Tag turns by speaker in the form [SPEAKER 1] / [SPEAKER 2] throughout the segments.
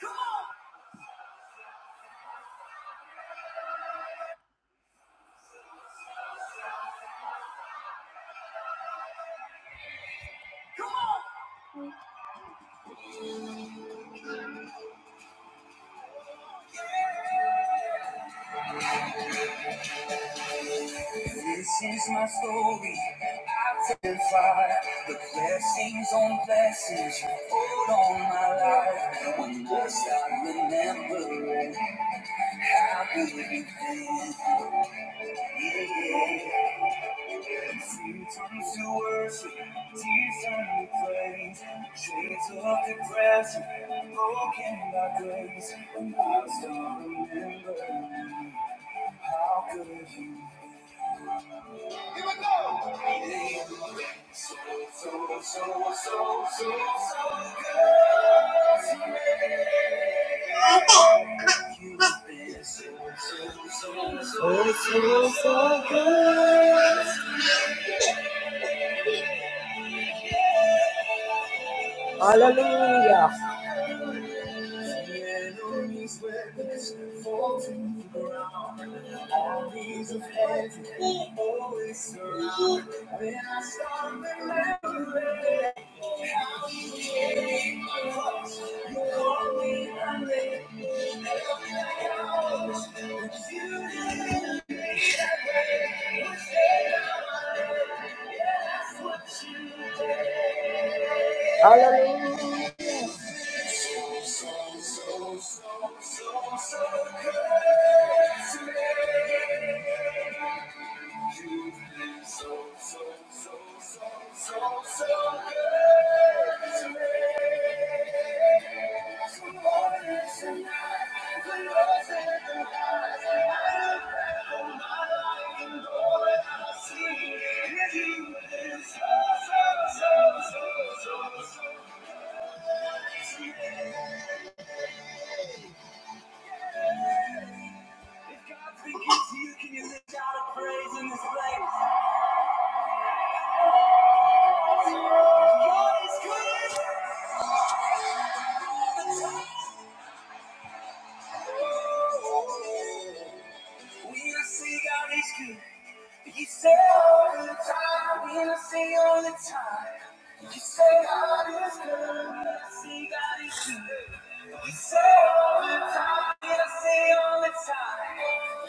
[SPEAKER 1] Come on, come on. This is my story. I testify the blessings on blessings you poured on my life. When must I remember how good you've been? Yeah. Seasons to worship, tears turn to praise, shades of depression, broken by grace. When must I remember how good you've been? So, so, so, so, so, so good. so, so, so, so Oh, so- Hallelujah. The Enemies were fall to the ground. Armies of heaven always surround. When I start remembering how you came across, you called me a name. Help me out. Thank you. If God speaking to you, can you lift out a praise in this place? God is good all the time. We'll see God is good. You say all the time, we'll see all the time. You say God is good, we'll see God is good. You say all the time, we'll see all the time.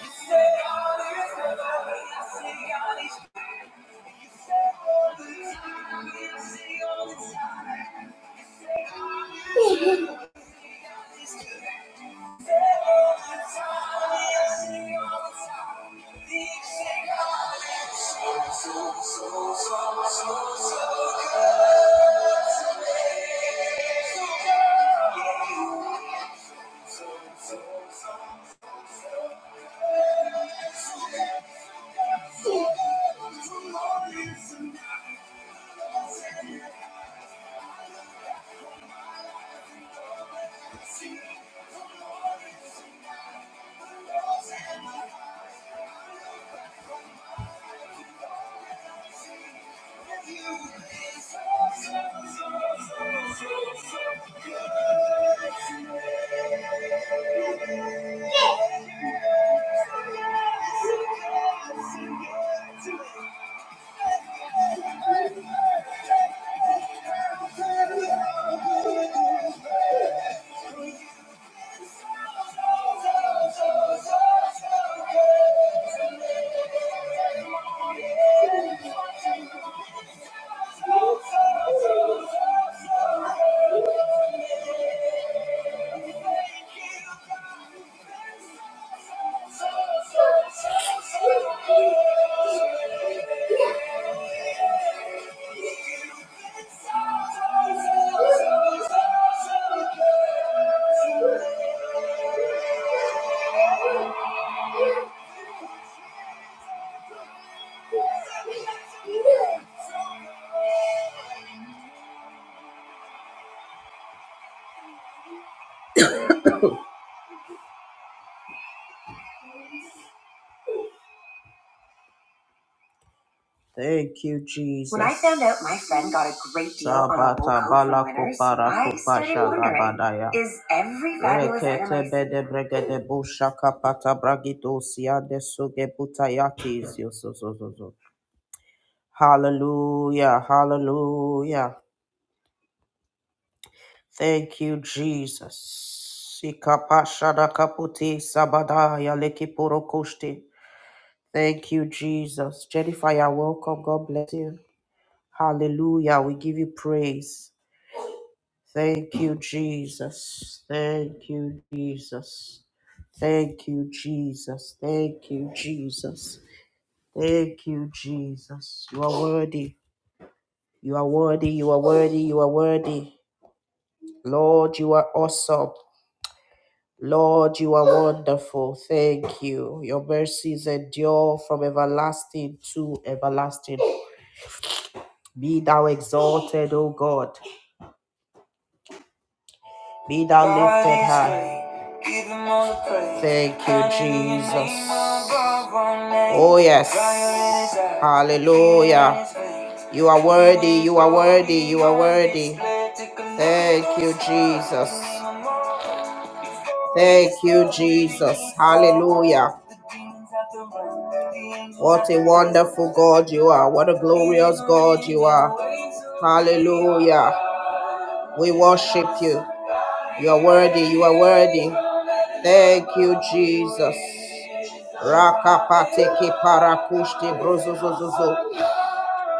[SPEAKER 1] You say God is good, we'll see God is good. You say all the time, we'll see all the time. You say God is good. Yeah. Thank you. Yeah. Thank you, Jesus. When I found out my friend got a great deal on a local from Winners, I started wondering, is every fabulous item I see- bushaka pata bragito siade butayaki zio so so so so. Hallelujah, hallelujah. Thank you, Jesus. Sikapashada kaputi sabadaya lekipuro koshti. Thank you, Jesus. Jennifer, you're welcome. God bless you. Hallelujah. We give you praise. Thank you, Jesus. Thank you, Jesus. Thank you, Jesus. Thank you, Jesus. Thank you, Jesus. You are worthy. You are worthy. You are worthy. You are worthy. Lord, you are awesome. Lord, you are wonderful. Thank you. Your mercies endure from everlasting to everlasting. Be thou exalted, O God. Be thou lifted high. Thank you, Jesus. Oh, yes. Hallelujah. You are worthy, you are worthy, you are worthy. Thank you, Jesus. Thank you, Jesus. Hallelujah. What a wonderful God you are. What a glorious God you are. Hallelujah. We worship you. You are worthy, you are worthy. Thank you, Jesus. Rakapateke parakushte brozozozozo.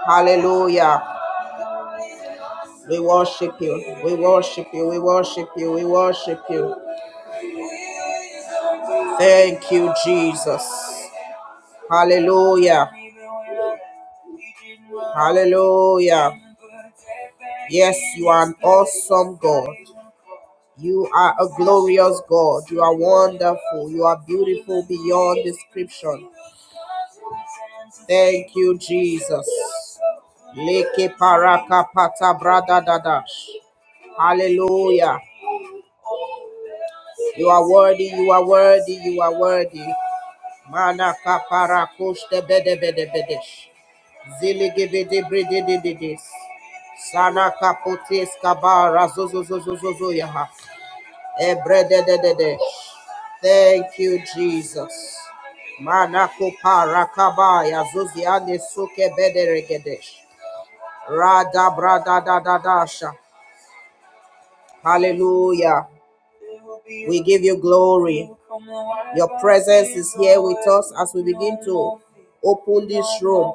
[SPEAKER 1] Hallelujah. We worship you. We worship you. We worship you. We worship you. Thank you, Jesus. Hallelujah. Hallelujah. Yes, you are an awesome God. You are a glorious God. You are wonderful. You are beautiful beyond description. Thank you, Jesus. Leke paraka pata brada dadash. Hallelujah. You are worthy, you are worthy, you are worthy. Mana kapara kushte bede bede bedesh. Zili gibidi bridi dididis. Sana kaputis kabara zuzu zuzu zuzu yaha. Ebrede de de de. de. Thank you, Jesus. Mana kupara kabaya zuzi ane suke bede regedesh. Rada brada da da dasha. Hallelujah. We give you glory. Your presence is here with us as we begin to open this room.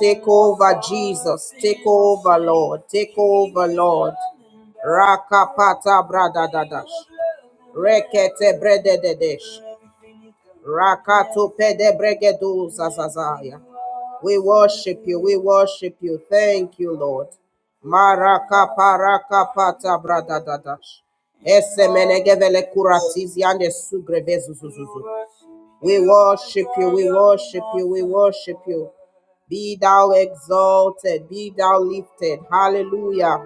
[SPEAKER 1] Take over, Jesus. Take over, Lord. Take over, Lord. Rakapata bradadash. Rekete bredededesh. Rakato pedebregedu zazazaya. We worship you, we worship you. Thank you, Lord. Maraka paraka pata bradadash. Esse menegevele kuratizi ande sugrevezu We worship you, we worship you, we worship you. Be thou exalted, be thou lifted. Hallelujah.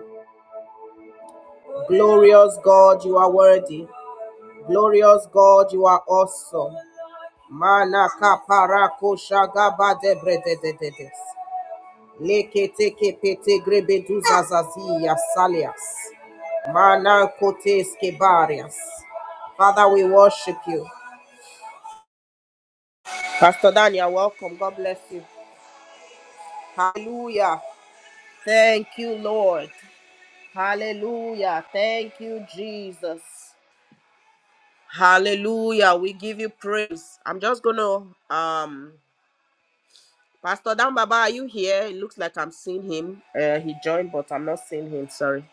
[SPEAKER 1] Glorious God, you are worthy. Glorious God, you are awesome. Mana kapara kosha gaba de brede de de des. Leke teke pete grebe duzazazi yasalias. Mana kotes kebarias. Father, we worship you. Pastor Daniel, welcome. God bless you. Hallelujah. Thank you, Lord. Hallelujah. Thank you, Jesus. Hallelujah. We give you praise. I'm just gonna um Pastor Dan Baba, are you here? It looks like I'm seeing him. Uh, he joined, but I'm not seeing him. Sorry.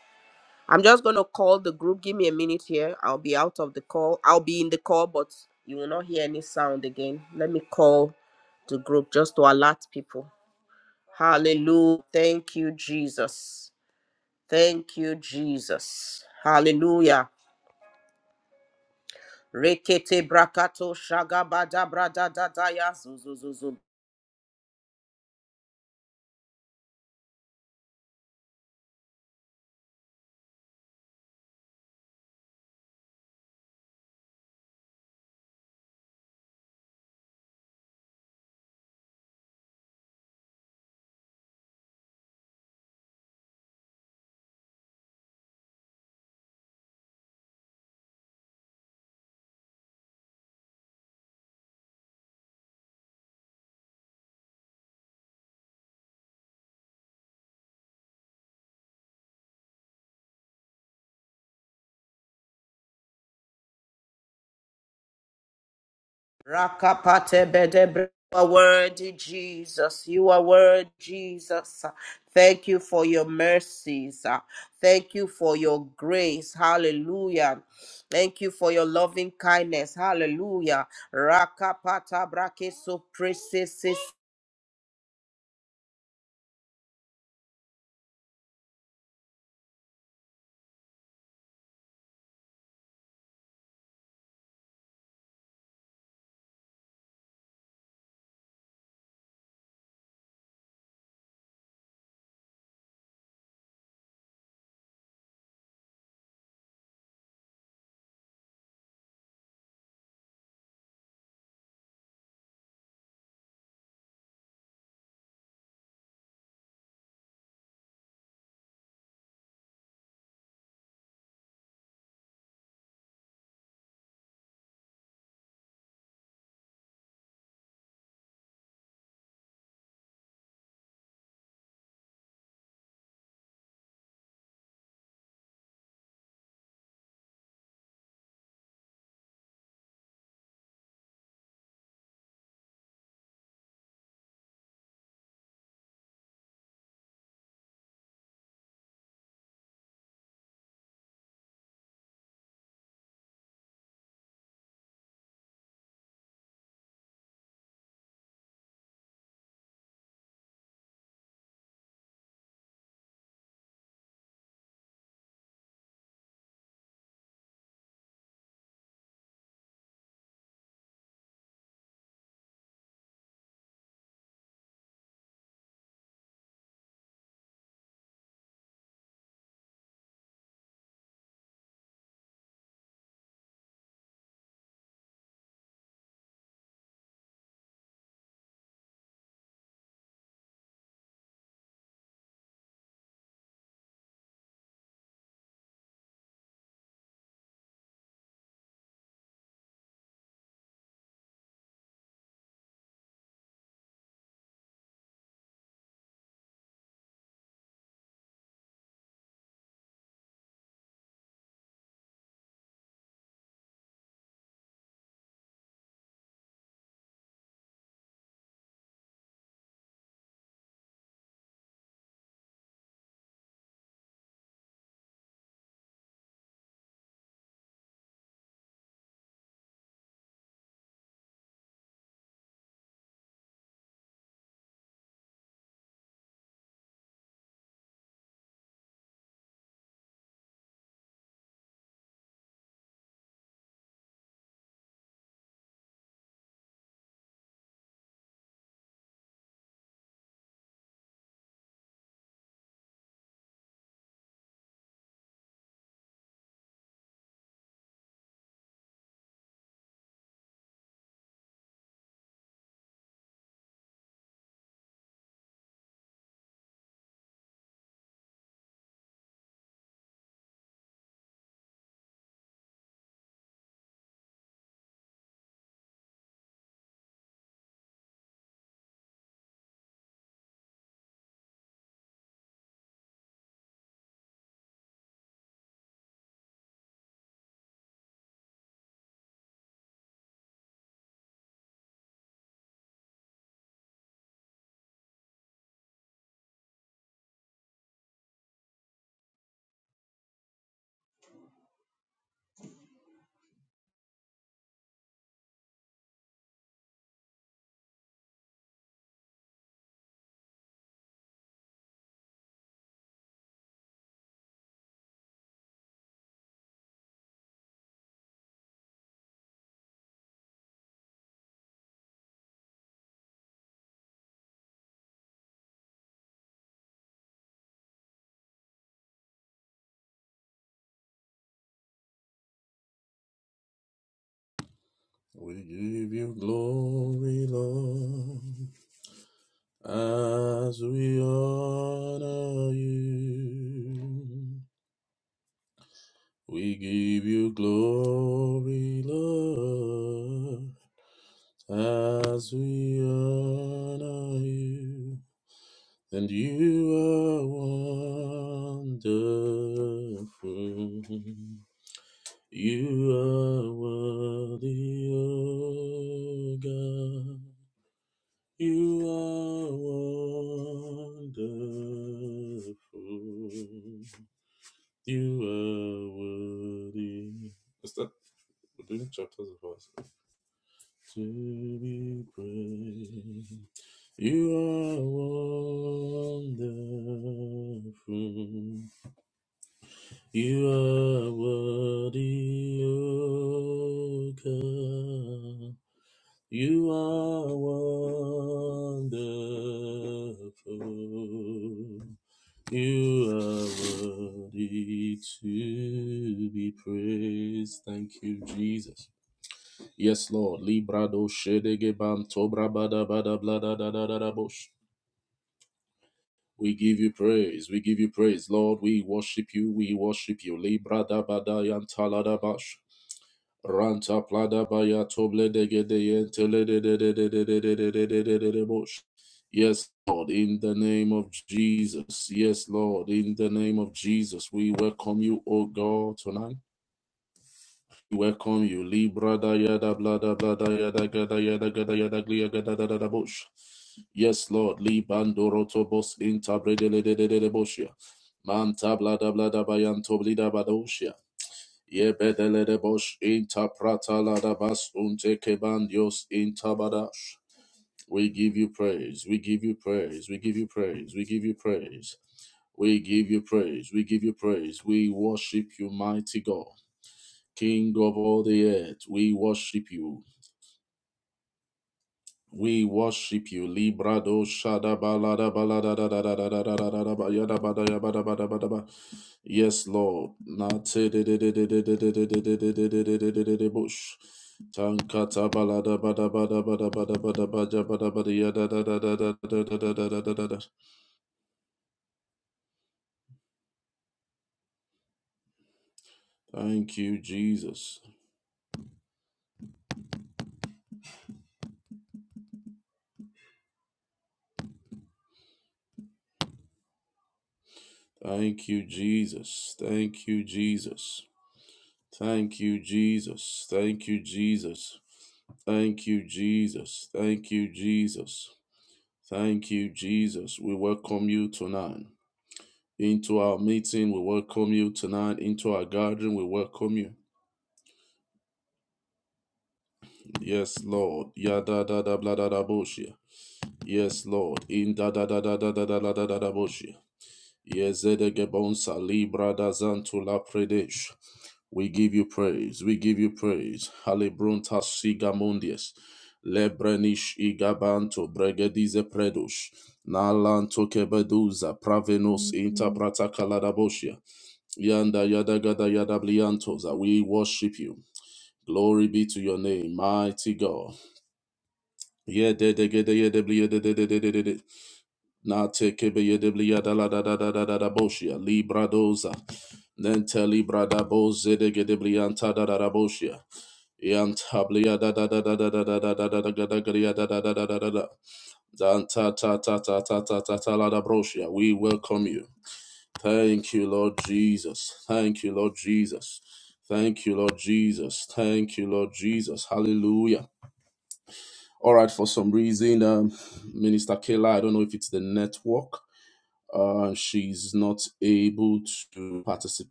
[SPEAKER 1] I'm just gonna call the group. Give me a minute here. I'll be out of the call. I'll be in the call, but you will not hear any sound again. Let me call the group just to alert people. Hallelujah. Thank you, Jesus. Thank you, Jesus. Hallelujah. Rekete brakato shagabada brada dadaya Rakapate bedebre. You are worthy, Jesus. You are worthy, Jesus. Thank you for your mercies. Thank you for your grace. Hallelujah. Thank you for your loving kindness. Hallelujah. Rakapata brake so precious.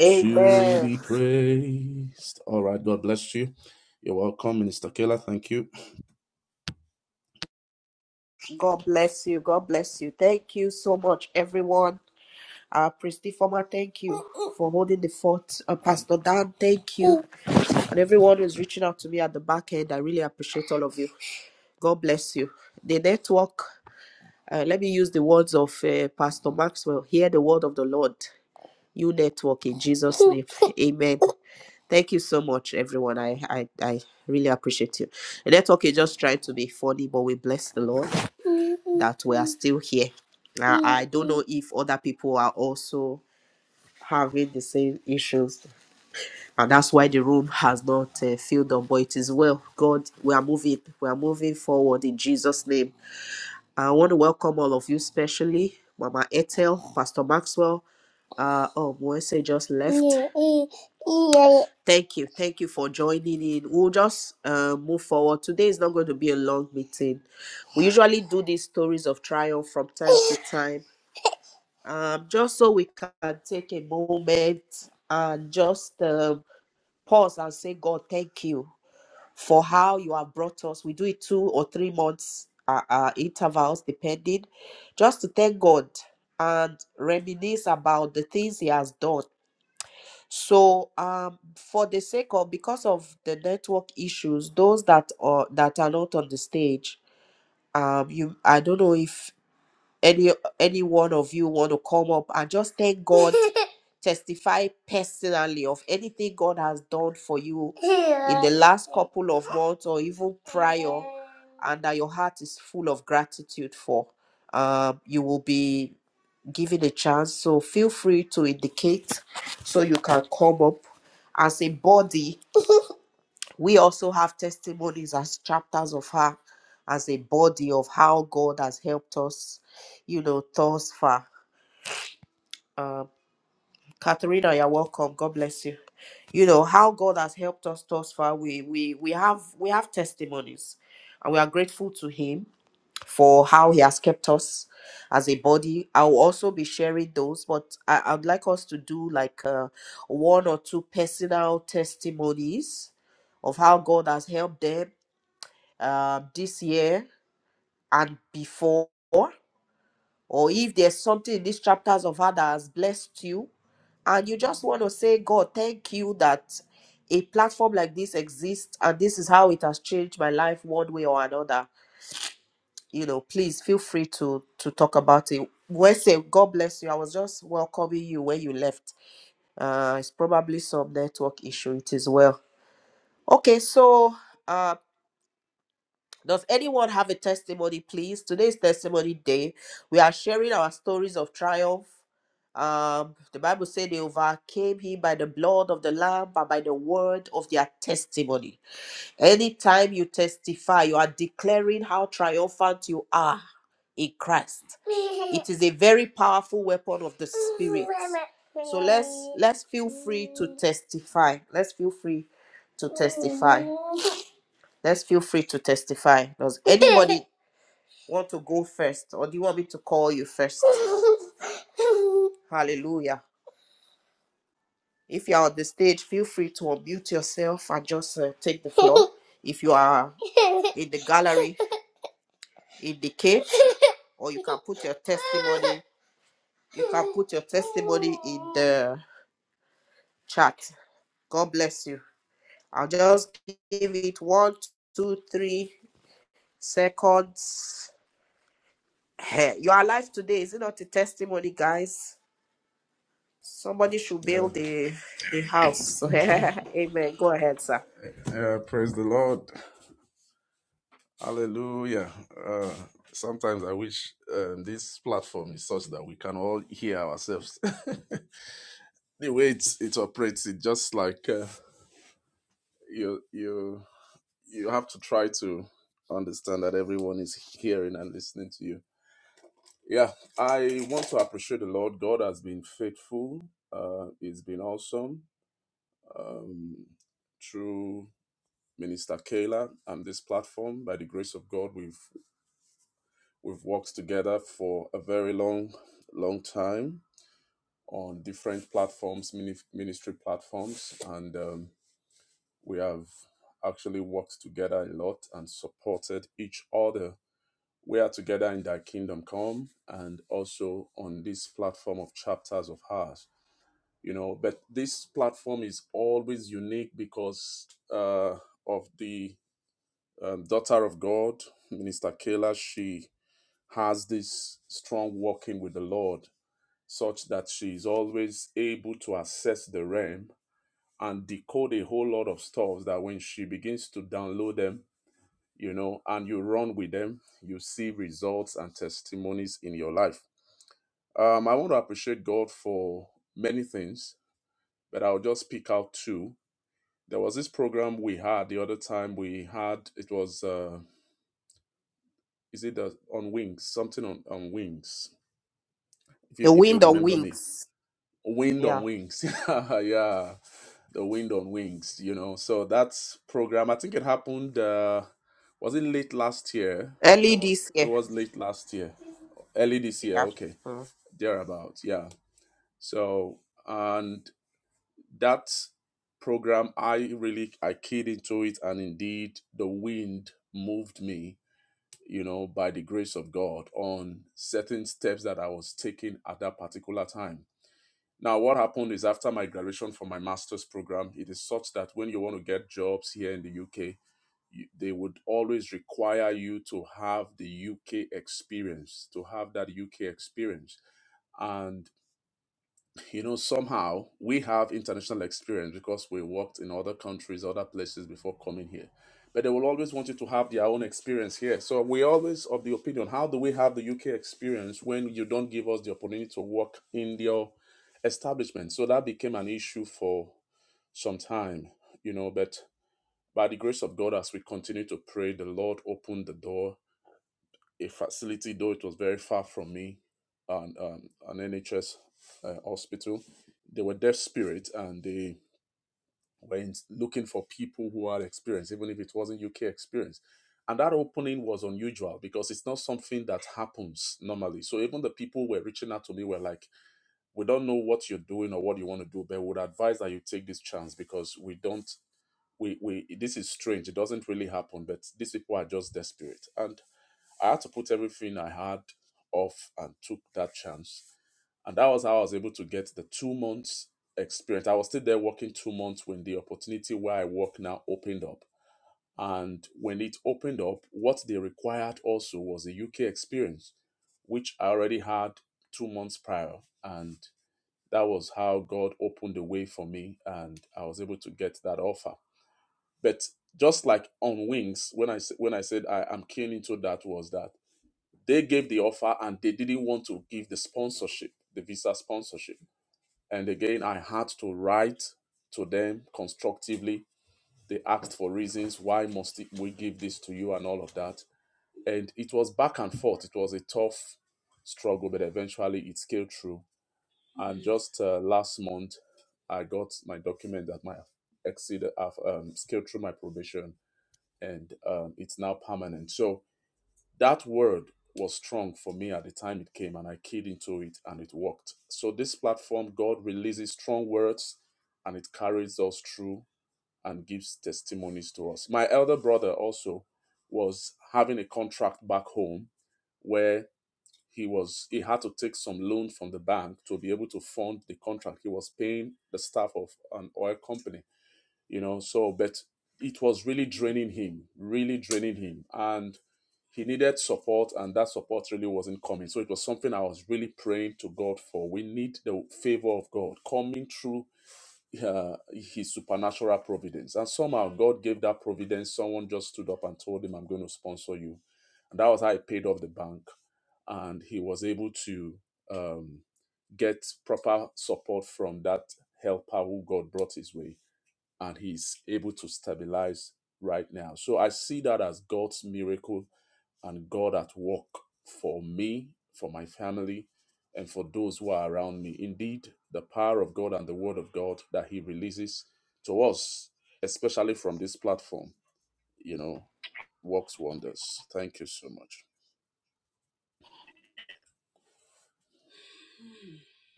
[SPEAKER 1] Amen. God bless you. God bless you. Thank you so much, everyone. Uh, Christy Former, thank you for holding the fort. Uh, Pastor Dan, thank you and everyone who's reaching out to me at the back end. I really appreciate all of you. God bless you. The network, uh, let me use the words of uh, Pastor Maxwell. Hear the word of the Lord, you network in Jesus' name. Amen. Thank you so much, everyone. I, I, I really appreciate you. The network is just trying to be funny, but we bless the Lord that we are still here. Now, I don't know if other people are also having the same issues and that's why the room has not uh, filled up but it is well god we are moving we are moving forward in jesus name i want to welcome all of you especially mama etel pastor maxwell uh oh Moise just left thank you thank you for joining in we'll just uh, move forward today is not going to be a long meeting we usually do these stories of triumph from time to time um just so we can take a moment and just um pause and say, God, thank you for how you have brought us. We do it two or three months uh, uh, intervals, depending, just to thank God and reminisce about the things He has done. So, um, for the sake of because of the network issues, those that are that are not on the stage, um, you I don't know if any any one of you want to come up and just thank God testify personally of anything God has done for you in the last couple of months or even prior, and that your heart is full of gratitude for. Um, you will be given a chance, so feel free to indicate so you can come up. As a body, we also have testimonies as chapters of her, as a body of how God has helped us, you know, thus far. um. Katharina, you're welcome. God bless you. You know how God has helped us thus far. We we we have we have testimonies, and we are grateful to Him for how He has kept us as a body. I will also be sharing those, but I, I'd like us to do like uh, one or two personal testimonies of how God has helped them uh, this year and before or if there's something in these chapters of her that has blessed you, and you just want to say, God, thank you that a platform like this exists and this is how it has changed my life one way or another, you know, please feel free to to talk about it. Well, say, God bless you. I was just welcoming you when you left. Uh, it's probably some network issue. It is well. Okay, so. uh, Does anyone have a testimony, please? Today's testimony day. We are sharing our stories of triumph. Um, the Bible said they overcame him by the blood of the Lamb and by the word of their testimony. Anytime you testify, you are declaring how triumphant you are in Christ. It is a very powerful weapon of the spirit. So let's let's feel free to testify. Let's feel free to testify. Let's feel free to testify. Does anybody want to go first, or do you want me to call you first? Hallelujah. If you are on the stage, feel free to unmute yourself and just uh, take the floor. If you are in the gallery, in the cave, or you can put your testimony, you can put your testimony in the chat. God bless you. I'll just give it one, two, three seconds. Hey, you are alive today. Is it not a testimony, guys? Somebody should build the the house. Amen. Go ahead, sir. The wind on wings. Yeah. Early this year. Yeah. Mm.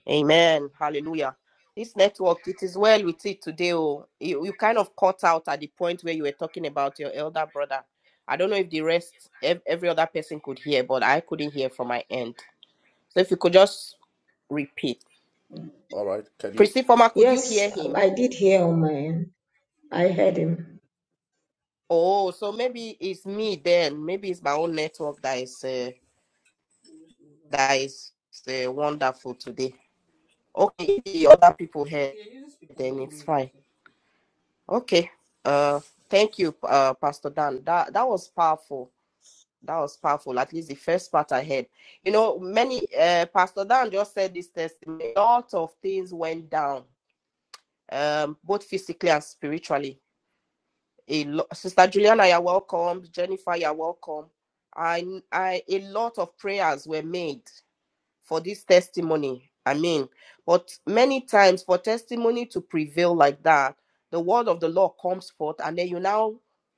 [SPEAKER 1] Amen. Hallelujah. This network, it is well with it today. Oh, you, you kind of cut out at the point where you were talking about your elder brother. I don't know if the rest, ev- every other person could hear, but I couldn't hear from my end. So if you could just repeat. Priscilla, could you
[SPEAKER 2] Yes,
[SPEAKER 1] hear him?
[SPEAKER 2] I did hear on my end. I heard him.
[SPEAKER 1] Oh, so maybe it's me then. Maybe it's my own network that is uh, that is uh, wonderful today. Okay, if the other people here, then it's fine. Okay. Uh, thank you, uh, Pastor Dan. That that was powerful. That was powerful. At least the first part I heard. You know, many uh, Pastor Dan just said this testimony. A lot of things went down, um, both physically and spiritually a lot sister juliana you're welcome jennifer you're welcome I, I a lot of prayers were made for this testimony i mean but many times for testimony to prevail like that the word of the lord comes forth and then you now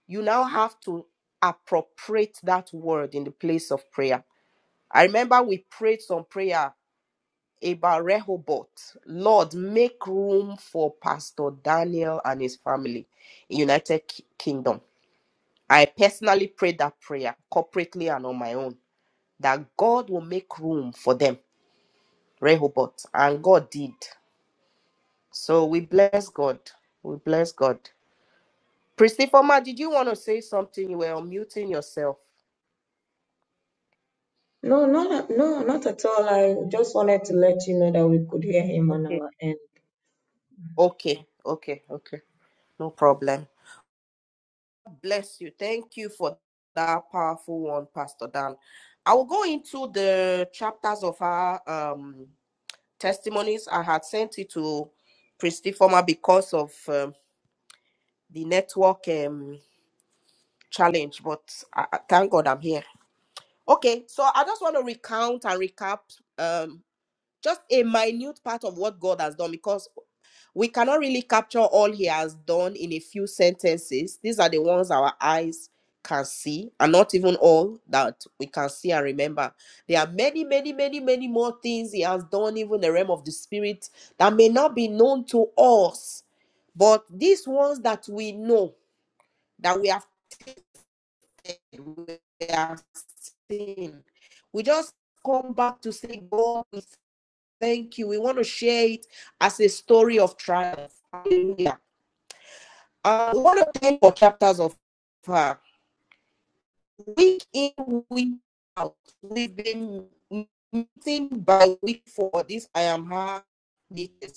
[SPEAKER 1] you now have to appropriate that word in the place of prayer i remember we prayed some prayer about rehoboth lord make room for pastor daniel and his family in united Ki- kingdom I personally prayed that prayer corporately and on my own that God will make room for them, Rehoboth, and God did. So we bless God. We bless God. Pristy Foma, did you want to say something? You were unmuting yourself.
[SPEAKER 2] No, not no, not at all. I just wanted to let you know that we could hear him on
[SPEAKER 1] Okay.
[SPEAKER 2] our end.
[SPEAKER 1] Okay. Okay. Okay. No problem. Bless you. Thank you for that powerful one, Pastor Dan. I will go into the chapters of our um, testimonies. I had sent it to Pristy Foma because of. um, the network um challenge, but I, I- thank God I'm here. Okay, so I just want to recount and recap um just a minute part of what God has done because we cannot really capture all he has done in a few sentences. These are the ones our eyes can see and not even all that we can see and remember. There are many, many, many, many more things he has done even in the realm of the spirit that may not be known to us. But these ones that we know that we have we are seeing. We just come back to say, God, we thank you. We want to share it as a story of triumph. Hallelujah. Uh, we want to thank for chapters of her. Week in, week out, we've been meeting by week for this I am her. meetings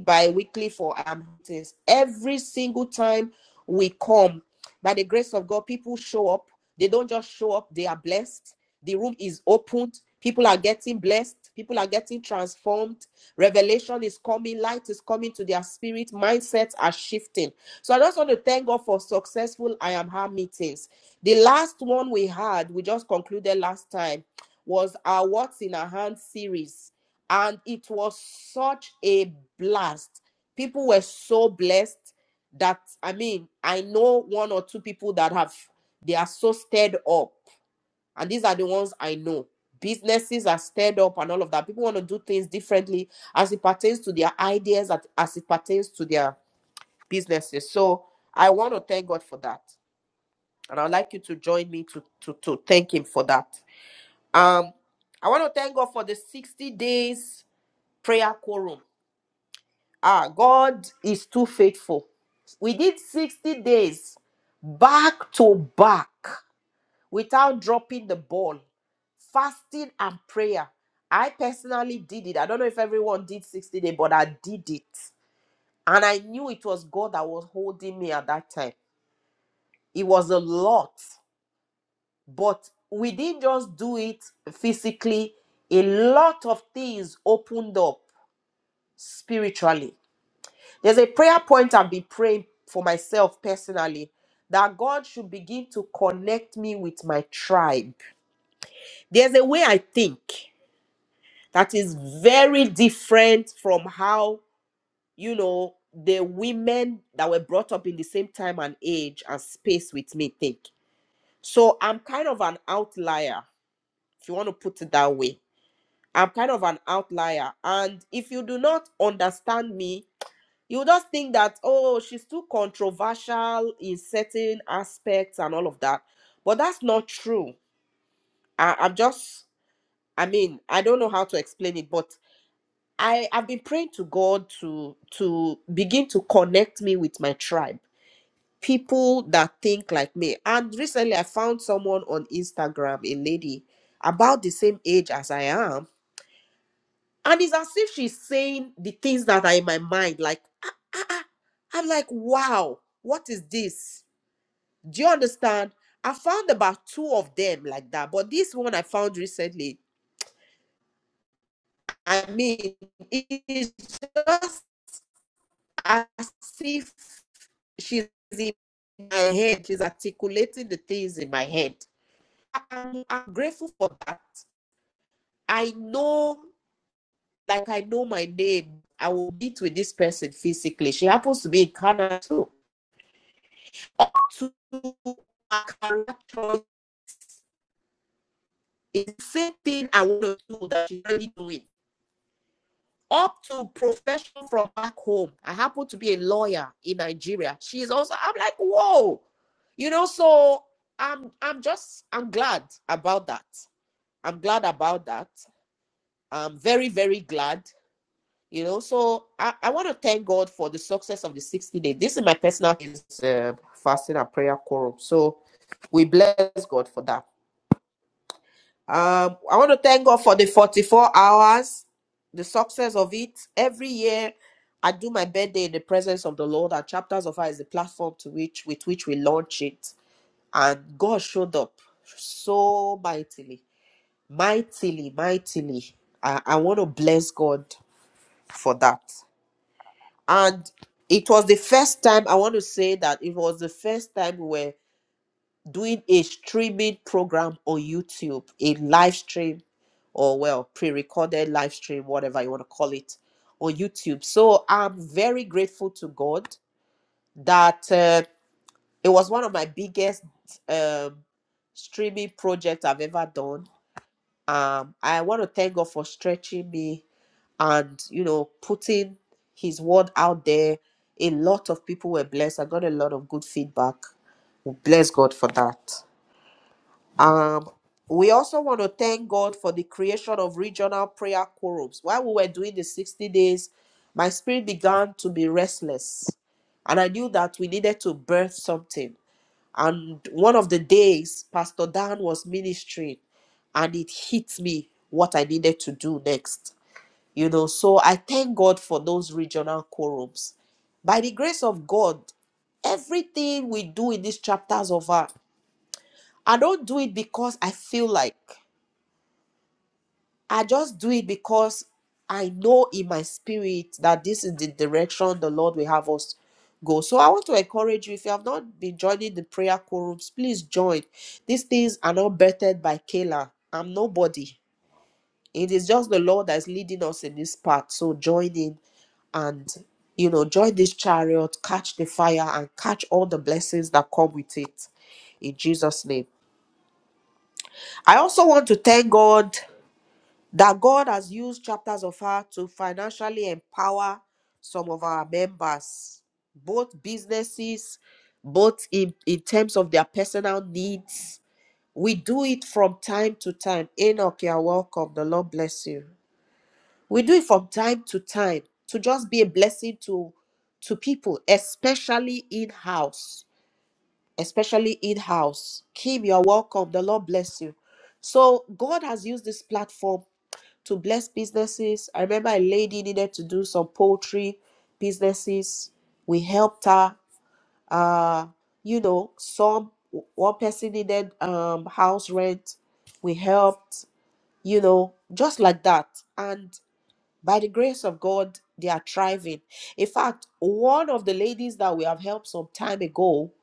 [SPEAKER 1] bi-weekly for our meetings. Every single time we come, by the grace of God, people show up. They don't just show up, they are blessed. The room is opened. People are getting blessed. People are getting transformed. Revelation is coming. Light is coming to their spirit. Mindsets are shifting. So I just want to thank God for successful I Am Her meetings. The last one we had, we just concluded last time, was our What's in Our Hand series and it was such a blast. People were so blessed that I mean, I know one or two people that have they are so stirred up, and these are the ones I know. Businesses are stirred up and all of that. People want to do things differently as it pertains to their ideas, at- as it pertains to their businesses. So I want to thank God for that, and I'd like you to join me to to to thank Him for that. Um, I want to thank God for the sixty days prayer quorum. Ah, God is too faithful. We did 60 days back to back without dropping the ball, fasting and prayer. I personally did it. I don't know if everyone did 60 days, but I did it. And I knew it was God that was holding me at that time. It was a lot, but we didn't just do it physically. A lot of things opened up spiritually. There's a prayer point I've been praying for myself personally that God should begin to connect me with my tribe. There's a way I think that is very different from how, you know, the women that were brought up in the same time and age and space with me think. So I'm kind of an outlier, if you want to put it that way. I'm kind of an outlier. And if you do not understand me, you just think that oh she's too controversial in certain aspects and all of that but that's not true I, i'm just i mean i don't know how to explain it but i i've been praying to god to to begin to connect me with my tribe people that think like me and recently i found someone on instagram a lady about the same age as i am And it's as if she's saying the things that are in my mind. Like, ah, ah, ah. I'm like, wow, what is this? Do you understand? I found about two of them like that. But this one I found recently, I mean, it is just as if she's in my head. She's articulating the things in my head. I'm, I'm grateful for that. I know, like, I know my name. I will meet with this person physically. She happens to be in Canada too. Up to a character, choice is the same thing I want to do that she's already doing. Up to profession from back home. I happen to be a lawyer in Nigeria. She is also, I'm like, whoa. You know, so I'm I'm just I'm glad about that. I'm glad about that. I'm very, very glad. You know, so I, I want to thank God for the success of the 60 day. This is my personal is, uh, fasting and prayer quorum. So we bless God for that. Um, I want to thank God for the 44 hours, the success of it. Every year, I do my birthday in the presence of the Lord, and Chapters of Fire is the platform to which with which we launch it. And God showed up so mightily, mightily, mightily. I, I want to bless God for that. And it was the first time I want to say that it was the first time we were doing a streaming program on YouTube, a live stream, or well, pre recorded live stream, whatever you want to call it, on YouTube. So I'm very grateful to God that uh, it was one of my biggest um, streaming projects I've ever done. Um, I want to thank God for stretching me and, you know, putting His word out there. A lot of people were blessed. I got a lot of good feedback. Bless God for that. Um, we also want to thank God for the creation of regional prayer quorums. While we were doing the 60 days, my spirit began to be restless. And I knew that we needed to birth something. And one of the days, Pastor Dan was ministering, and it hit me what I needed to do next. You know, so I thank God for those regional quorums. By the grace of God, everything we do in these chapters of our I don't do it because I feel like I just do it because I know in my spirit that this is the direction the Lord will have us go. So I want to encourage you if you have not been joining the prayer quorums, please join. These things are not birthed by Kayla. I'm nobody. It is just the Lord that is leading us in this path. So join in and you know join this chariot, catch the fire, and catch all the blessings that come with it. In Jesus' name. I also want to thank God. that God has used chapters of her to financially empower some of our members, both businesses, both in, in terms of their personal needs. We do it from time to time. Enoch, you're welcome. The Lord bless you. We do it from time to time to just be a blessing to to people, especially in house especially Eid House. Kim, you're welcome. The Lord bless you. So God has used this platform to bless businesses. I remember a lady needed to do some poultry businesses. We helped her. Uh, you know, some one person needed um house rent. We helped, you know, just like that. And by the grace of God, they are thriving. In fact, one of the ladies that we have helped some time ago,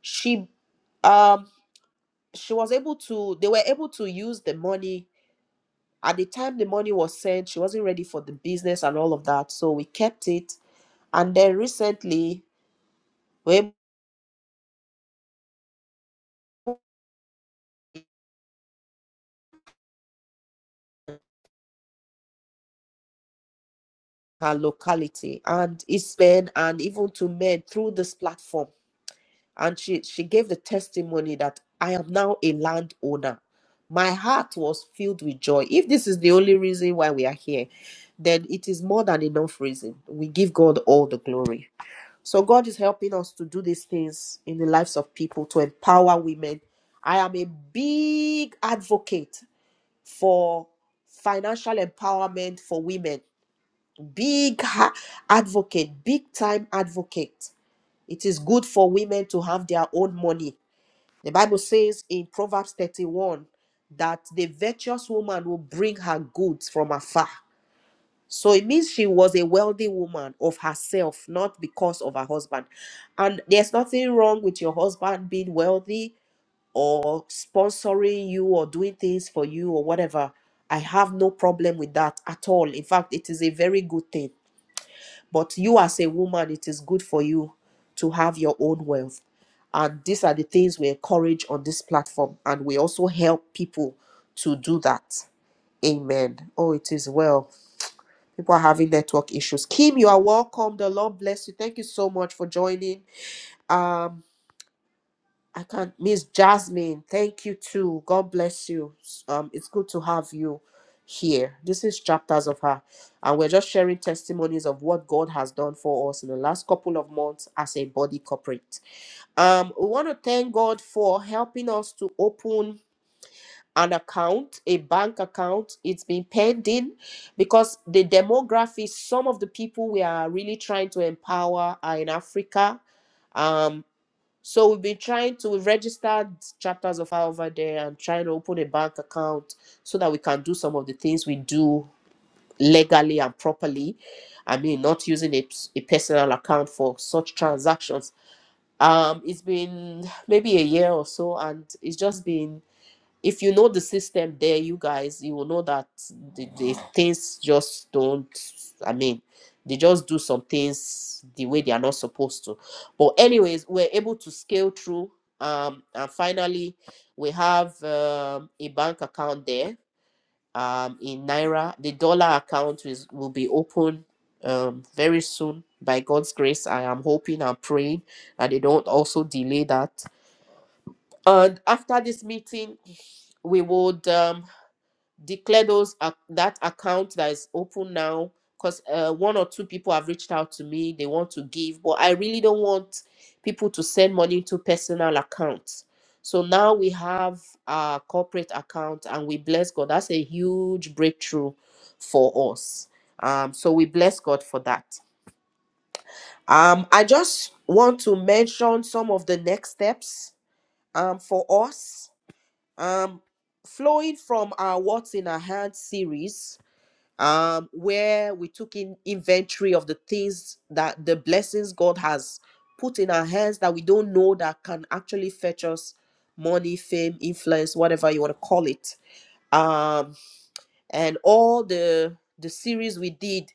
[SPEAKER 1] she um she was able to they were able to use the money at the time the money was sent she wasn't ready for the business and all of that so we kept it and then recently we were able to her locality and it's been and even to men through this platform and she she gave the testimony that i am now a landowner my heart was filled with joy if this is the only reason why we are here then it is more than enough reason we give god all the glory So God is helping us to do these things in the lives of people to empower women. I am a big advocate for financial empowerment for women. Big ha- advocate, big time advocate. It is good for women to have their own money. The Bible says in Proverbs 31 that the virtuous woman will bring her goods from afar. So it means she was a wealthy woman of herself, not because of her husband. And there's nothing wrong with your husband being wealthy or sponsoring you or doing things for you or whatever. I have no problem with that at all. In fact, it is a very good thing. But you, as a woman, it is good for you to have your own wealth. And these are the things we encourage on this platform. And we also help people to do that. Amen. Oh, it is well people are having network issues kim you are welcome the lord bless you thank you so much for joining um i can't miss jasmine thank you too god bless you um it's good to have you here this is chapters of her and we're just sharing testimonies of what god has done for us in the last couple of months as a body corporate um we want to thank god for helping us to open an account, a bank account. It's been pending because the demography, some of the people we are really trying to empower are in Africa. Um, so we've been trying to we've registered chapters of our over there and trying to open a bank account so that we can do some of the things we do legally and properly. I mean, not using a, a personal account for such transactions. Um, it's been maybe a year or so, and it's just been if you know the system there, you guys, you will know that the, the things just don't. I mean, they just do some things the way they are not supposed to. But anyways, we're able to scale through. Um, and finally, we have um, a bank account there. Um, in naira, the dollar account is will be open um very soon by God's grace. I am hoping and praying that they don't also delay that. And after this meeting, we would um declare those ac- that account that is open now because uh, one or two people have reached out to me they want to give but i really don't want people to send money to personal accounts so now we have our corporate account and we bless god that's a huge breakthrough for us um, so we bless god for that um, i just want to mention some of the next steps um, for us um, flowing from our what's in our hand series um, where we took in inventory of the things that the blessings God has put in our hands that we don't know that can actually fetch us money, fame, influence, whatever you want to call it. Um, and all the the series we did,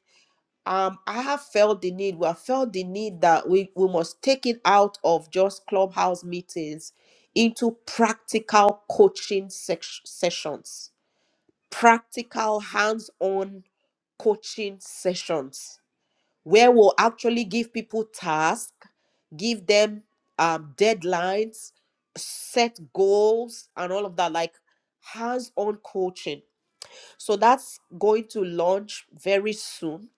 [SPEAKER 1] um, I have felt the need. We have felt the need that we, we must take it out of just clubhouse meetings into practical coaching sec- sessions practical hands-on coaching sessions where we'll actually give people tasks give them um, deadlines set goals and all of that like hands-on coaching so that's going to launch very soon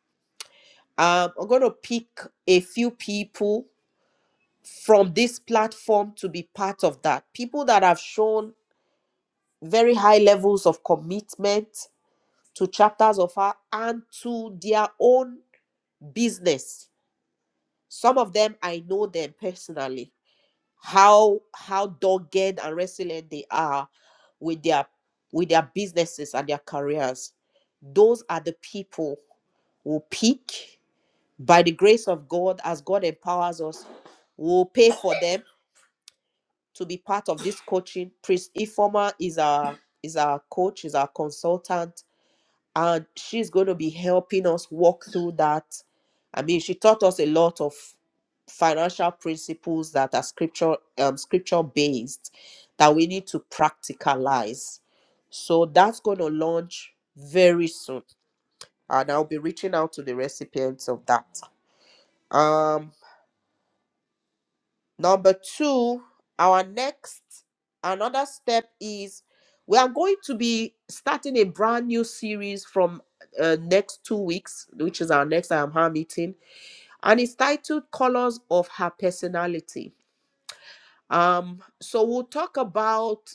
[SPEAKER 1] um, i'm going to pick a few people from this platform to be part of that people that have shown very high levels of commitment to chapters of her and to their own business. Some of them I know them personally. How how dogged and resilient they are with their with their businesses and their careers. Those are the people who pick by the grace of God as God empowers us. We'll pay for them to be part of this coaching. Priest Informa is our is our coach, is our consultant and she's going to be helping us walk through that. I mean, she taught us a lot of financial principles that are scripture um, scripture based that we need to practicalize. So that's going to launch very soon, and I'll be reaching out to the recipients of that. Um, Number two, our next another step is we are going to be starting a brand new series from uh, next two weeks, which is our next I Am Her meeting, and it's titled "Colors of Her Personality." Um, so we'll talk about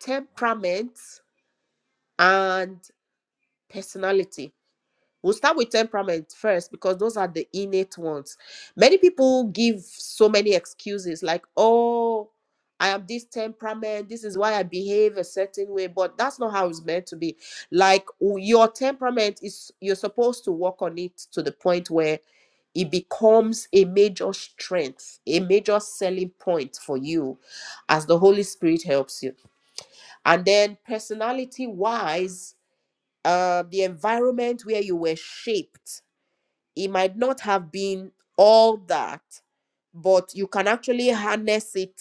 [SPEAKER 1] temperament and personality We'll start with temperament first because those are the innate ones. Many people give so many excuses like, oh, I am this temperament. This is why I behave a certain way. But that's not how it's meant to be. Like, w- your temperament is, you're supposed to work on it to the point where it becomes a major strength, a major selling point for you as the Holy Spirit helps you. And then, personality wise, uh, the environment where you were shaped it might not have been all that, but you can actually harness it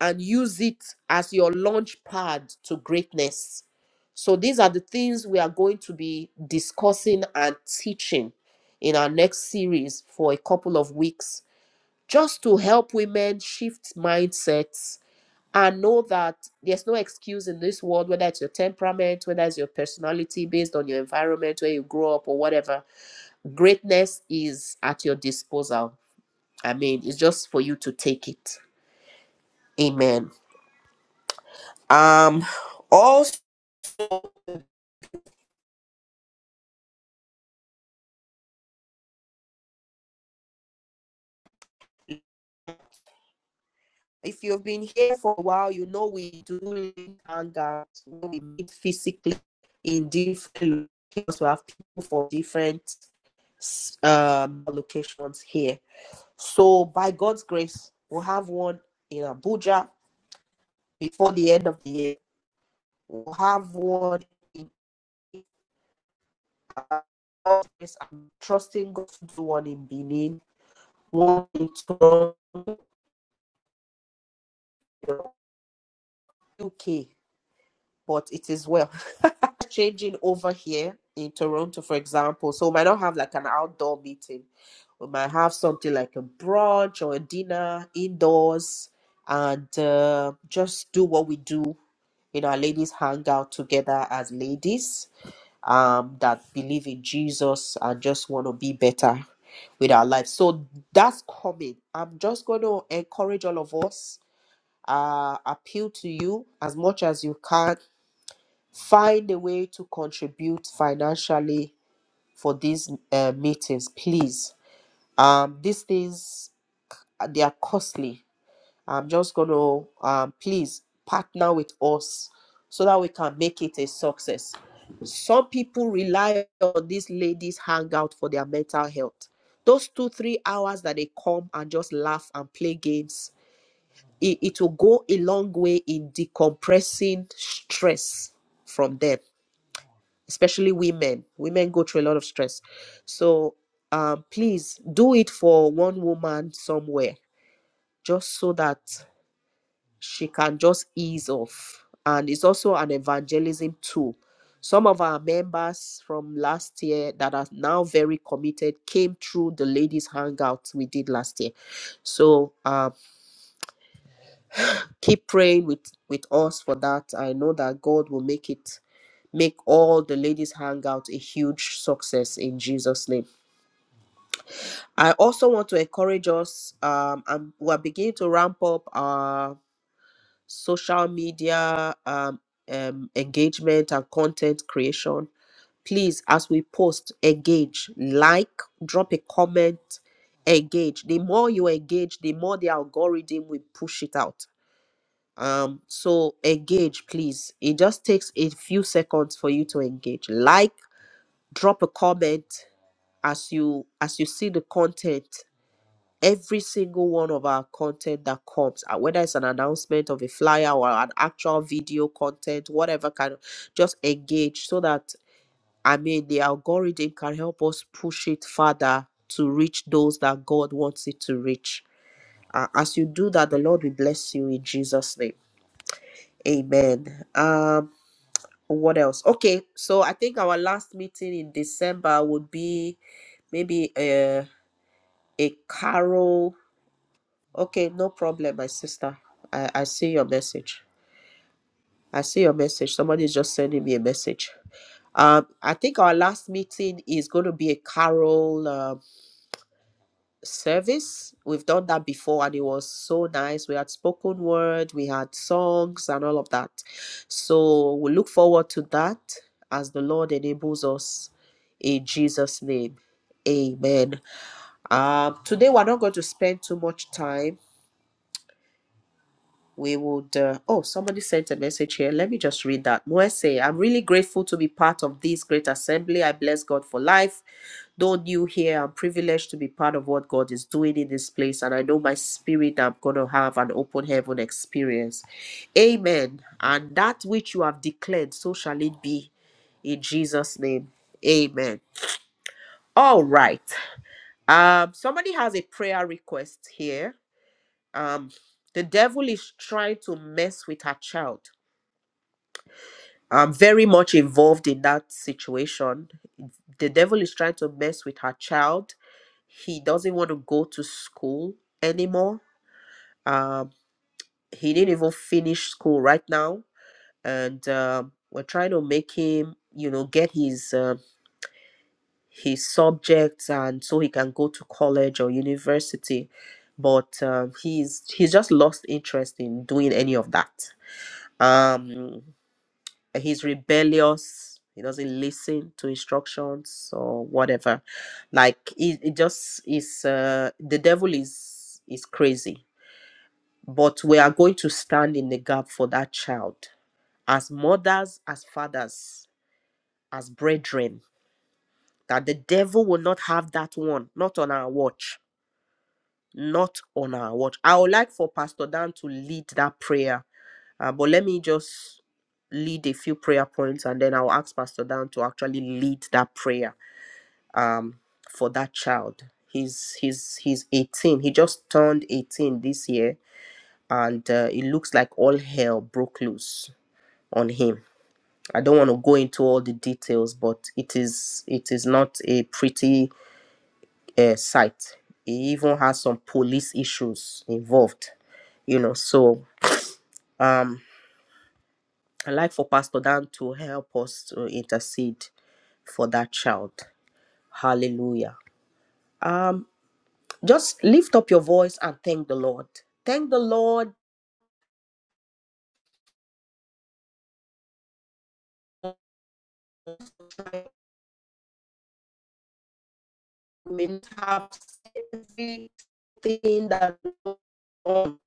[SPEAKER 1] and use it as your launch pad to greatness. So, these are the things we are going to be discussing and teaching in our next series for a couple of weeks, just to help women shift mindsets and know that there's no excuse in this world, whether it's your temperament, whether it's your personality based on your environment, where you grow up, or whatever Greatness is at your disposal. I mean, it's just for you to take it. Amen. Um, also, if you've been here for a while, you know we do meet hangouts. We meet physically in different locations. We have people for different um, locations here. So, by God's grace, we'll have one in Abuja before the end of the year. We'll have one in. Yes, I'm trusting God to do one in Benin, one in Toronto, UK, but it is well. Changing over here in Toronto, for example, so we might not have like an outdoor meeting. We might have something like a brunch or a dinner indoors and uh, just do what we do in our ladies' hangout together as ladies um, that believe in Jesus and just want to be better with our life. So that's coming. I'm just going to encourage all of us, uh, appeal to you as much as you can. Find a way to contribute financially for these uh, meetings, please. Um, these things, uh, they are costly I'm just going to um, please partner with us so that we can make it a success. Some people rely on these ladies' hangout for their mental health. Those two, three hours that they come and just laugh and play games, it, it will go a long way in decompressing stress from them, especially women. Women go through a lot of stress. So um, please do it for one woman somewhere, just so that she can just ease off. And it's also an evangelism tool. Some of our members from last year that are now very committed came through the ladies' hangout we did last year. So uh, keep praying with, with us for that. I know that God will make it, make all the ladies' hangout a huge success in Jesus' name. I also want to encourage us, um, and we're beginning to ramp up social media um, um, engagement and content creation. Please, as we post, engage, like, drop a comment, engage. The more you engage, the more the algorithm will push it out. Um, so engage, please. It just takes a few seconds for you to engage. Like, drop a comment as you as you see the content every single one of our content that comes uh, whether it's an announcement of a flyer or an actual video content whatever kind of just engage so that i mean the algorithm can help us push it further to reach those that god wants it to reach Uh, as you do that the lord will bless you in jesus name amen um what else okay so i think our last meeting in december would be maybe a a carol Okay, no problem, my sister. I, I see your message. I see your message. Somebody's just sending me a message. Um, I think our last meeting is going to be a carol um service. We've done that before, and it was so nice. We had spoken word, we had songs, and all of that. So we look forward to that as the Lord enables us in Jesus' name. Amen. Um, today we're not going to spend too much time. we would uh, oh somebody sent a message here let me just read that Mwese, i'm really grateful to be part of this great assembly i bless god for life though new here i'm privileged to be part of what god is doing in this place and i know my spirit i'm going to have an open heaven experience amen and that which you have declared so shall it be in jesus name amen all right um somebody has a prayer request here um the devil is trying to mess with her child i'm very much involved in that situation the devil is trying to mess with her child he doesn't want to go to school anymore um he didn't even finish school right now and um we're trying to make him you know get his uh, his subjects and so he can go to college or university but um, he's he's just lost interest in doing any of that um he's rebellious he doesn't listen to instructions or whatever like it, it just is uh, the devil is is crazy but we are going to stand in the gap for that child as mothers as fathers as brethren that the devil will not have that one not on our watch not on our watch. I would like for Pastor Dan to lead that prayer, uh, but let me just lead a few prayer points and then I'll ask Pastor Dan to actually lead that prayer um, for that child. He's he's he's 18. He just turned 18 this year, and uh, it looks like all hell broke loose on him. I don't want to go into all the details, but it is it is not a pretty uh, site. It even has some police issues involved, you know. So um, I like for Pastor Dan to help us to intercede for that child. Hallelujah. Um, just lift up your voice and thank the Lord. Thank the Lord. We have everything that um,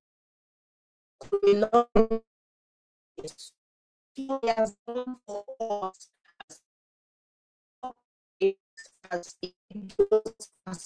[SPEAKER 1] we know is- He has done for us. It has- it does us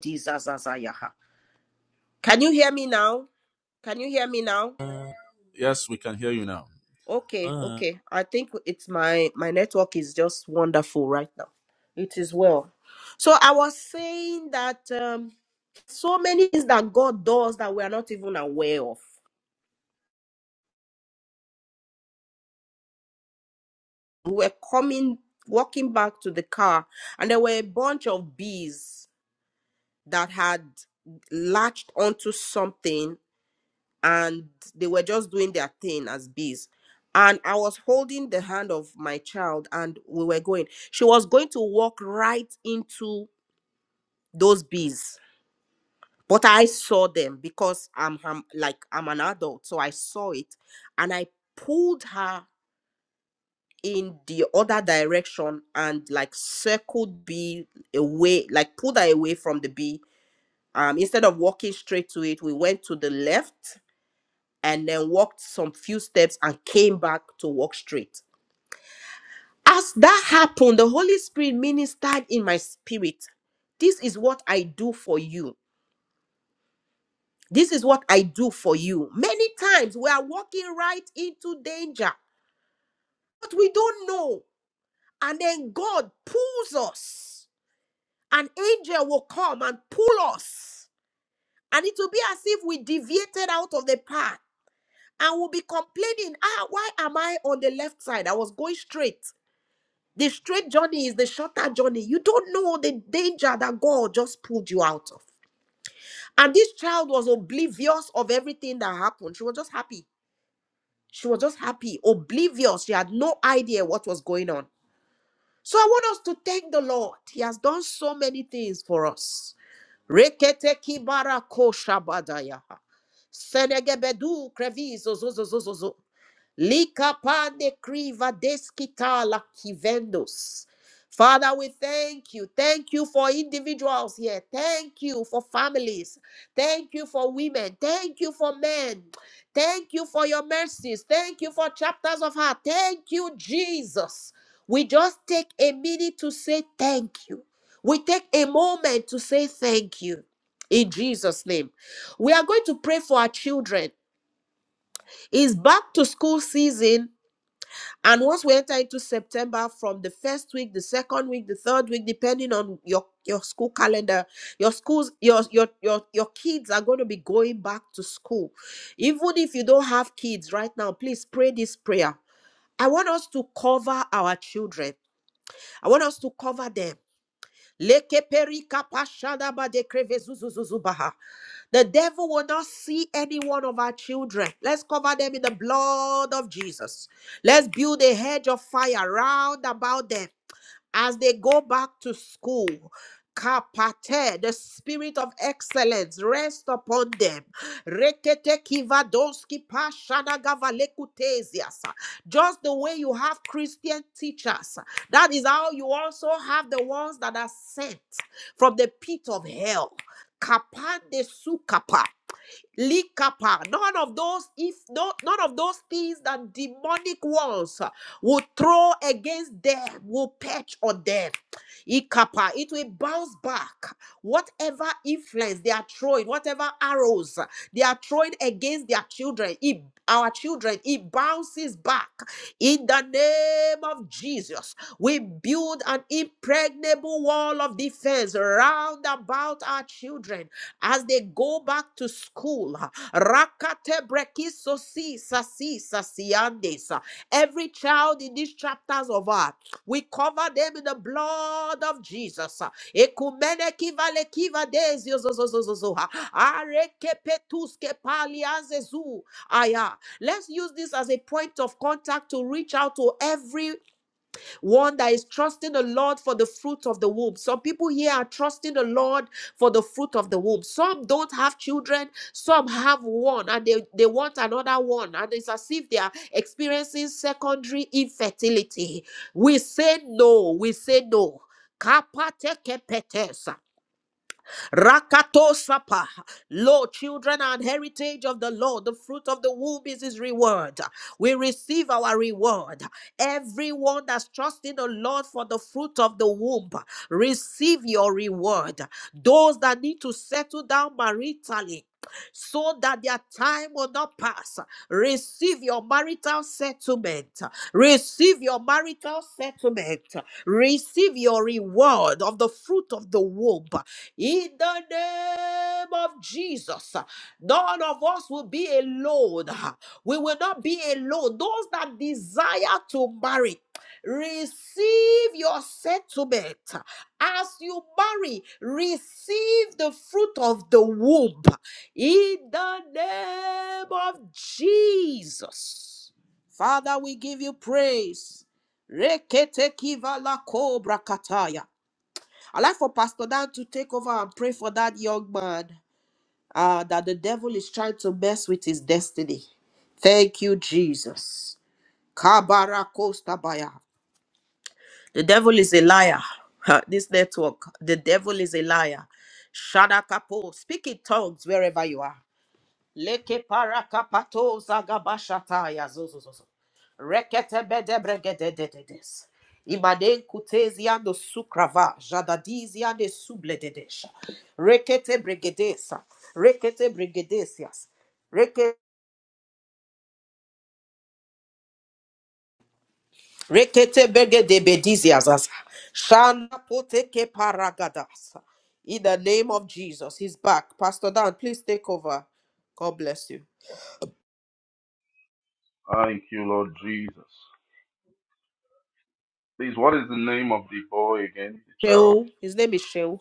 [SPEAKER 1] Jesus, Can you hear me now? Can you hear me now? Okay, okay. I think it's my my network is just wonderful right now. It is well. So I was saying that um, so many things that God does that we are not even aware of. We were coming, walking back to the car, and there were a bunch of bees that had latched onto something and they were just doing their thing as bees. And I was holding the hand of my child, and we were going. She was going to walk right into those bees, but I saw them because I'm, I'm like I'm an adult, so I saw it, and I pulled her in the other direction and like circled bee away, like pulled her away from the bee. Um, instead of walking straight to it, we went to the left and then walked some few steps and came back to walk straight. As that happened, the Holy Spirit ministered in my spirit. This is what I do for you. This is what I do for you. Many times we are walking right into danger, but we don't know. And then God pulls us. An angel will come and pull us. And it will be as if we deviated out of the path and we will be complaining, ah, why am I on the left side? I was going straight. The straight journey is the shorter journey. You don't know the danger that God just pulled you out of. And this child was oblivious of everything that happened. She was just happy. She was just happy, oblivious. She had no idea what was going on. So I want us to thank the Lord. He has done so many things for us. Rekete kibara ko shabadaya. Senegebedu krevizo zo zo zo zo zo. Likapande kriva deskitala kivendos. Father, we thank you. Thank you for individuals here. Thank you for families. Thank you for women. Thank you for men. Thank you for your mercies. Thank you for chapters of heart. Thank you, Jesus. We just take a minute to say thank you. We take a moment to say thank you in Jesus' name. We are going to pray for our children. It's back to school season and once we enter into September, from the first week, the second week, the third week, depending on your your school calendar, your schools, your your your your kids are going to be going back to school. Even if you don't have kids right now, please pray this prayer. I want us to cover our children. I want us to cover them. Leke perika pashada ba de kreve The devil will not see any one of our children. Let's cover them in the blood of Jesus. Let's build a hedge of fire round about them as they go back to school. Kapate, the spirit of excellence rest upon them. Rekete kivadoski pashana gavalekutesiasa. Just the way you have Christian teachers, that is how you also have the ones that are sent from the pit of hell. Kapande sukapa. Likapa. None of those, if no, none of those things that demonic walls uh, will throw against them, will patch on them. Ikapa. It will bounce back. Whatever influence they are throwing, whatever arrows uh, they are throwing against their children, it, our children, it bounces back. In the name of Jesus, we build an impregnable wall of defense round about our children as they go back to school. Rakate brekiso si sasi sasiandes. Every child in these chapters of art, we cover them in the blood of Jesus. Ekumene kiva le kiva desi zo zo zo zo zo. Areke petuske palianze zu. Aya. Let's use this as a point of contact to reach out to every one that is trusting the Lord for the fruit of the womb. Some people here are trusting the Lord for the fruit of the womb. Some don't have children, some have one, and they, they want another one. And it's as if they are experiencing secondary infertility. We say no, we say no. Kapate kepetes. Rakato sapa. Lo, children are an heritage of the Lord. The fruit of the womb is his reward. We receive our reward. Everyone that's trusting the Lord for the fruit of the womb, receive your reward. Those that need to settle down maritally so that their time will not pass. Receive your marital settlement. Receive your marital settlement. Receive your reward of the fruit of the womb. In the name of Jesus, none of us will be alone. We will not be alone. Those that desire to marry, receive your settlement. As you marry, receive the fruit of the womb. In the name of Jesus. Father, we give you praise. Rekete kiva la kobra kataya. I'd like for Pastor Dan to take over and pray for that young man uh, that the devil is trying to mess with his destiny. Thank you, Jesus. Kabara kosta baya. The devil is a liar. Ha, This network, the devil is a liar. Shadakapo. Speak in tongues wherever you are. Leke parakapato zagabashata ya zozozozo. Rekete bede bregede dedes. Imaden kutezi ando sukrava, jadadizi ande sublededesha. Rekete bregedesa, rekete bregedesias. Reke, rekete begede bedizias. Shana poteke paragadas. In the name of Jesus, he's back. Pastor Dan, please take over. God bless you. Sheol, his name is Sheol.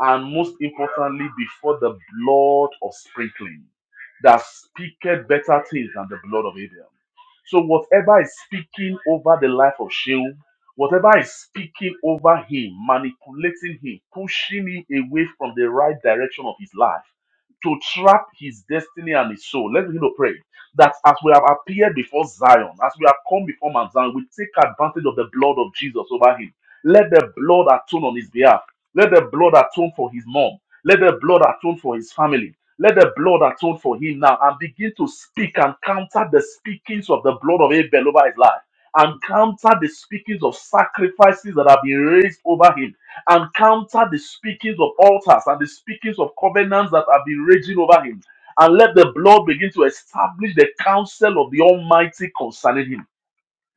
[SPEAKER 3] and most importantly, before the blood of sprinkling that speaketh better things than the blood of Abel. So whatever is speaking over the life of Sheol, whatever is speaking over him, manipulating him, pushing him away from the right direction of his life, to trap his destiny and his soul. Let's begin to pray that as we have appeared before Zion, as we have come before Mount Zion, we take advantage of the blood of Jesus over him. Let the blood atone on his behalf. Let the blood atone for his mom. Let the blood atone for his family. Let the blood atone for him now and begin to speak and counter the speakings of the blood of Abel over his life. And counter the speakings of sacrifices that have been raised over him. And counter the speakings of altars and the speakings of covenants that have been raging over him. And let the blood begin to establish the counsel of the Almighty concerning him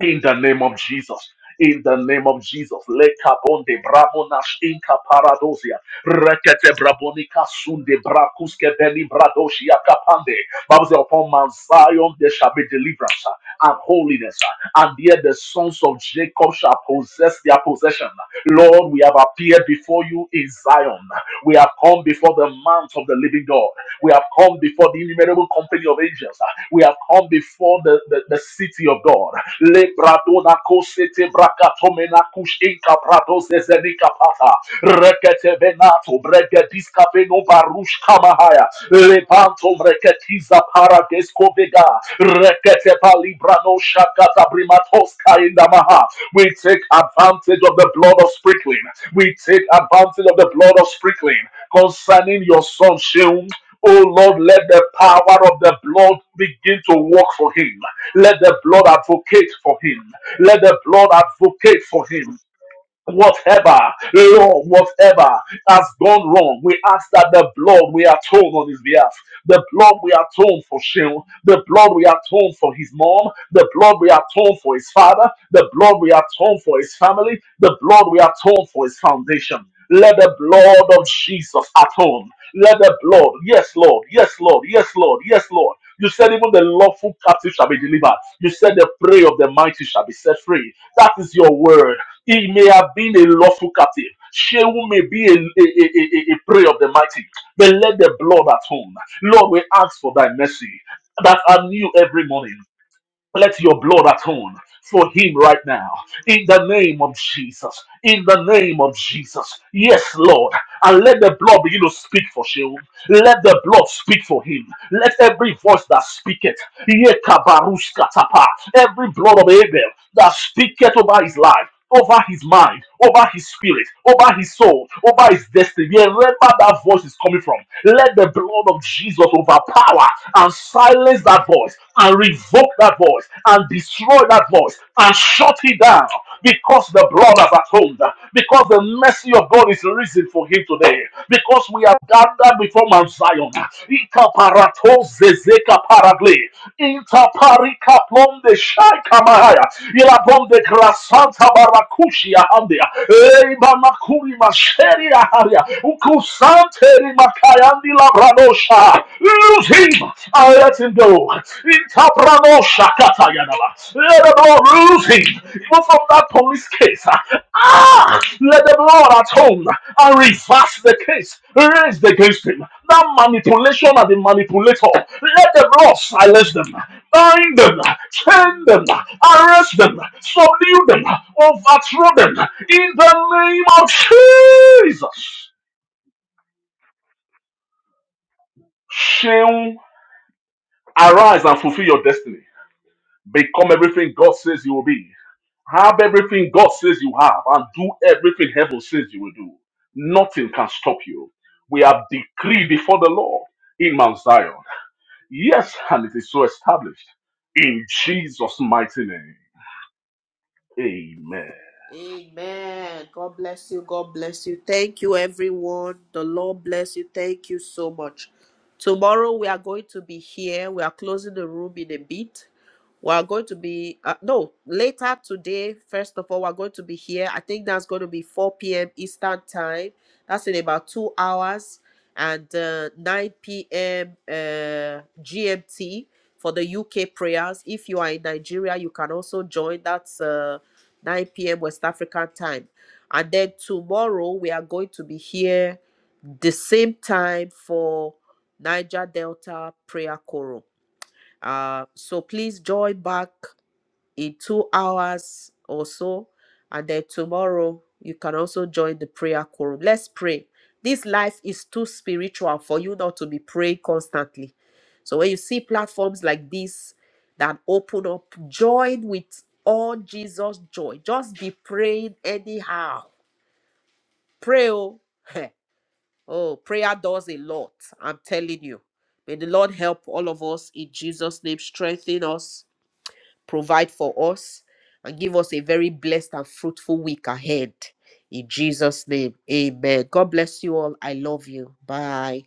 [SPEAKER 3] in the name of Jesus. In the name of Jesus, lekabonde bramonash inka paradosia, rekete brabonika sunde brakuske veni bradosia kapande. Bible says, upon Mount Zion there shall be deliverance uh, and holiness, uh, and here the sons of Jacob shall possess their possession. Lord, we have appeared before you in Zion. We have come before the mount of the living God. We have come before the innumerable company of angels. We have come before the, the, the city of God. Lebradona kosete brakatomena kush inka prados ezenika pata. Rekete venato bregediska veno barush kamahaya. Lebanto breketiza paragesko vega. Rekete palibrano shakata brimatoska indamaha. We take advantage of the blood of sprinkling. We take advantage of the blood of sprinkling concerning your son Sheung. Oh Lord, let the power of the blood begin to work for him. Let the blood advocate for him. Let the blood advocate for him whatever, Lord, whatever has gone wrong, we ask that the blood we atone on his behalf, the blood we atone for Shem, the blood we atone for his mom, the blood we atone for his father, the blood we atone for his family, the blood we atone for his foundation. Let the blood of Jesus atone. Let the blood, yes, Lord, yes, Lord, yes, Lord, yes, Lord. You said even the lawful captive shall be delivered. You said the prey of the mighty shall be set free. That is your word. He may have been a lawful captive. Shehu may be a, a, a, a a prey of the mighty, but let the blood atone. Lord, we ask for thy mercy that are new every morning. Let your blood atone for him right now. In the name of Jesus. In the name of Jesus. Yes, Lord. And let the blood begin to speak for Sheol. Let the blood speak for him. Let every voice that speaketh, yekabaruskatapa, every blood of Abel that speaketh over his life, over his mind, over his spirit, over his soul, over his destiny. Wherever that voice is coming from, let the blood of Jesus overpower and silence that voice and revoke that voice and destroy that voice and shut it down because the blood has atoned, because the mercy of God is risen for him today, because we are gathered before Mount Zion. Ikaparato zezeka paragle, intaparika plonde Mahaya, Ilabonde Grasanta Barakushia Handia, Eibamakuri Masheria Haria, Ukusante Rimakayandi Labranosha, lose him, I let him go, Intabranosha Katayanaba, lose him, even from that police case, ah, let the Lord at home and reverse the case raised against him, that manipulation and the manipulator, let the Lord silence them, bind them, chain them, arrest them, subdue them, overthrow them in the name of Jesus. Sheol, arise and fulfill your destiny. Become everything God says you will be. Have everything God says you have, and do everything heaven says you will do. Nothing can stop you. We have decreed before the Lord in Mount Zion. Yes, and it is so established in Jesus' mighty name. Amen.
[SPEAKER 1] Amen. God bless you. God bless you. Thank you, everyone. The Lord bless you. Thank you so much. Tomorrow we are going to be here. We are closing the room in a bit. We are going to be uh, no later today. First of all, we are going to be here. I think that's going to be 4 p.m. Eastern time. That's in about two hours and uh, 9 p.m. Uh, GMT for the UK prayers. If you are in Nigeria, you can also join. That's uh, 9 p.m. West African time. And then tomorrow we are going to be here the same time for Niger Delta Prayer Choral. Uh, so please join back in two hours or so. And then tomorrow, you can also join the prayer quorum. Let's pray. This life is too spiritual for you not to be praying constantly. So when you see platforms like this that open up, join with all Jesus' joy. Just be praying anyhow. Pray, oh, oh prayer does a lot. I'm telling you. May the Lord help all of us in Jesus' name, strengthen us provide for us, and give us a very blessed and fruitful week ahead. In Jesus' name, amen. God bless you all. I love you. Bye.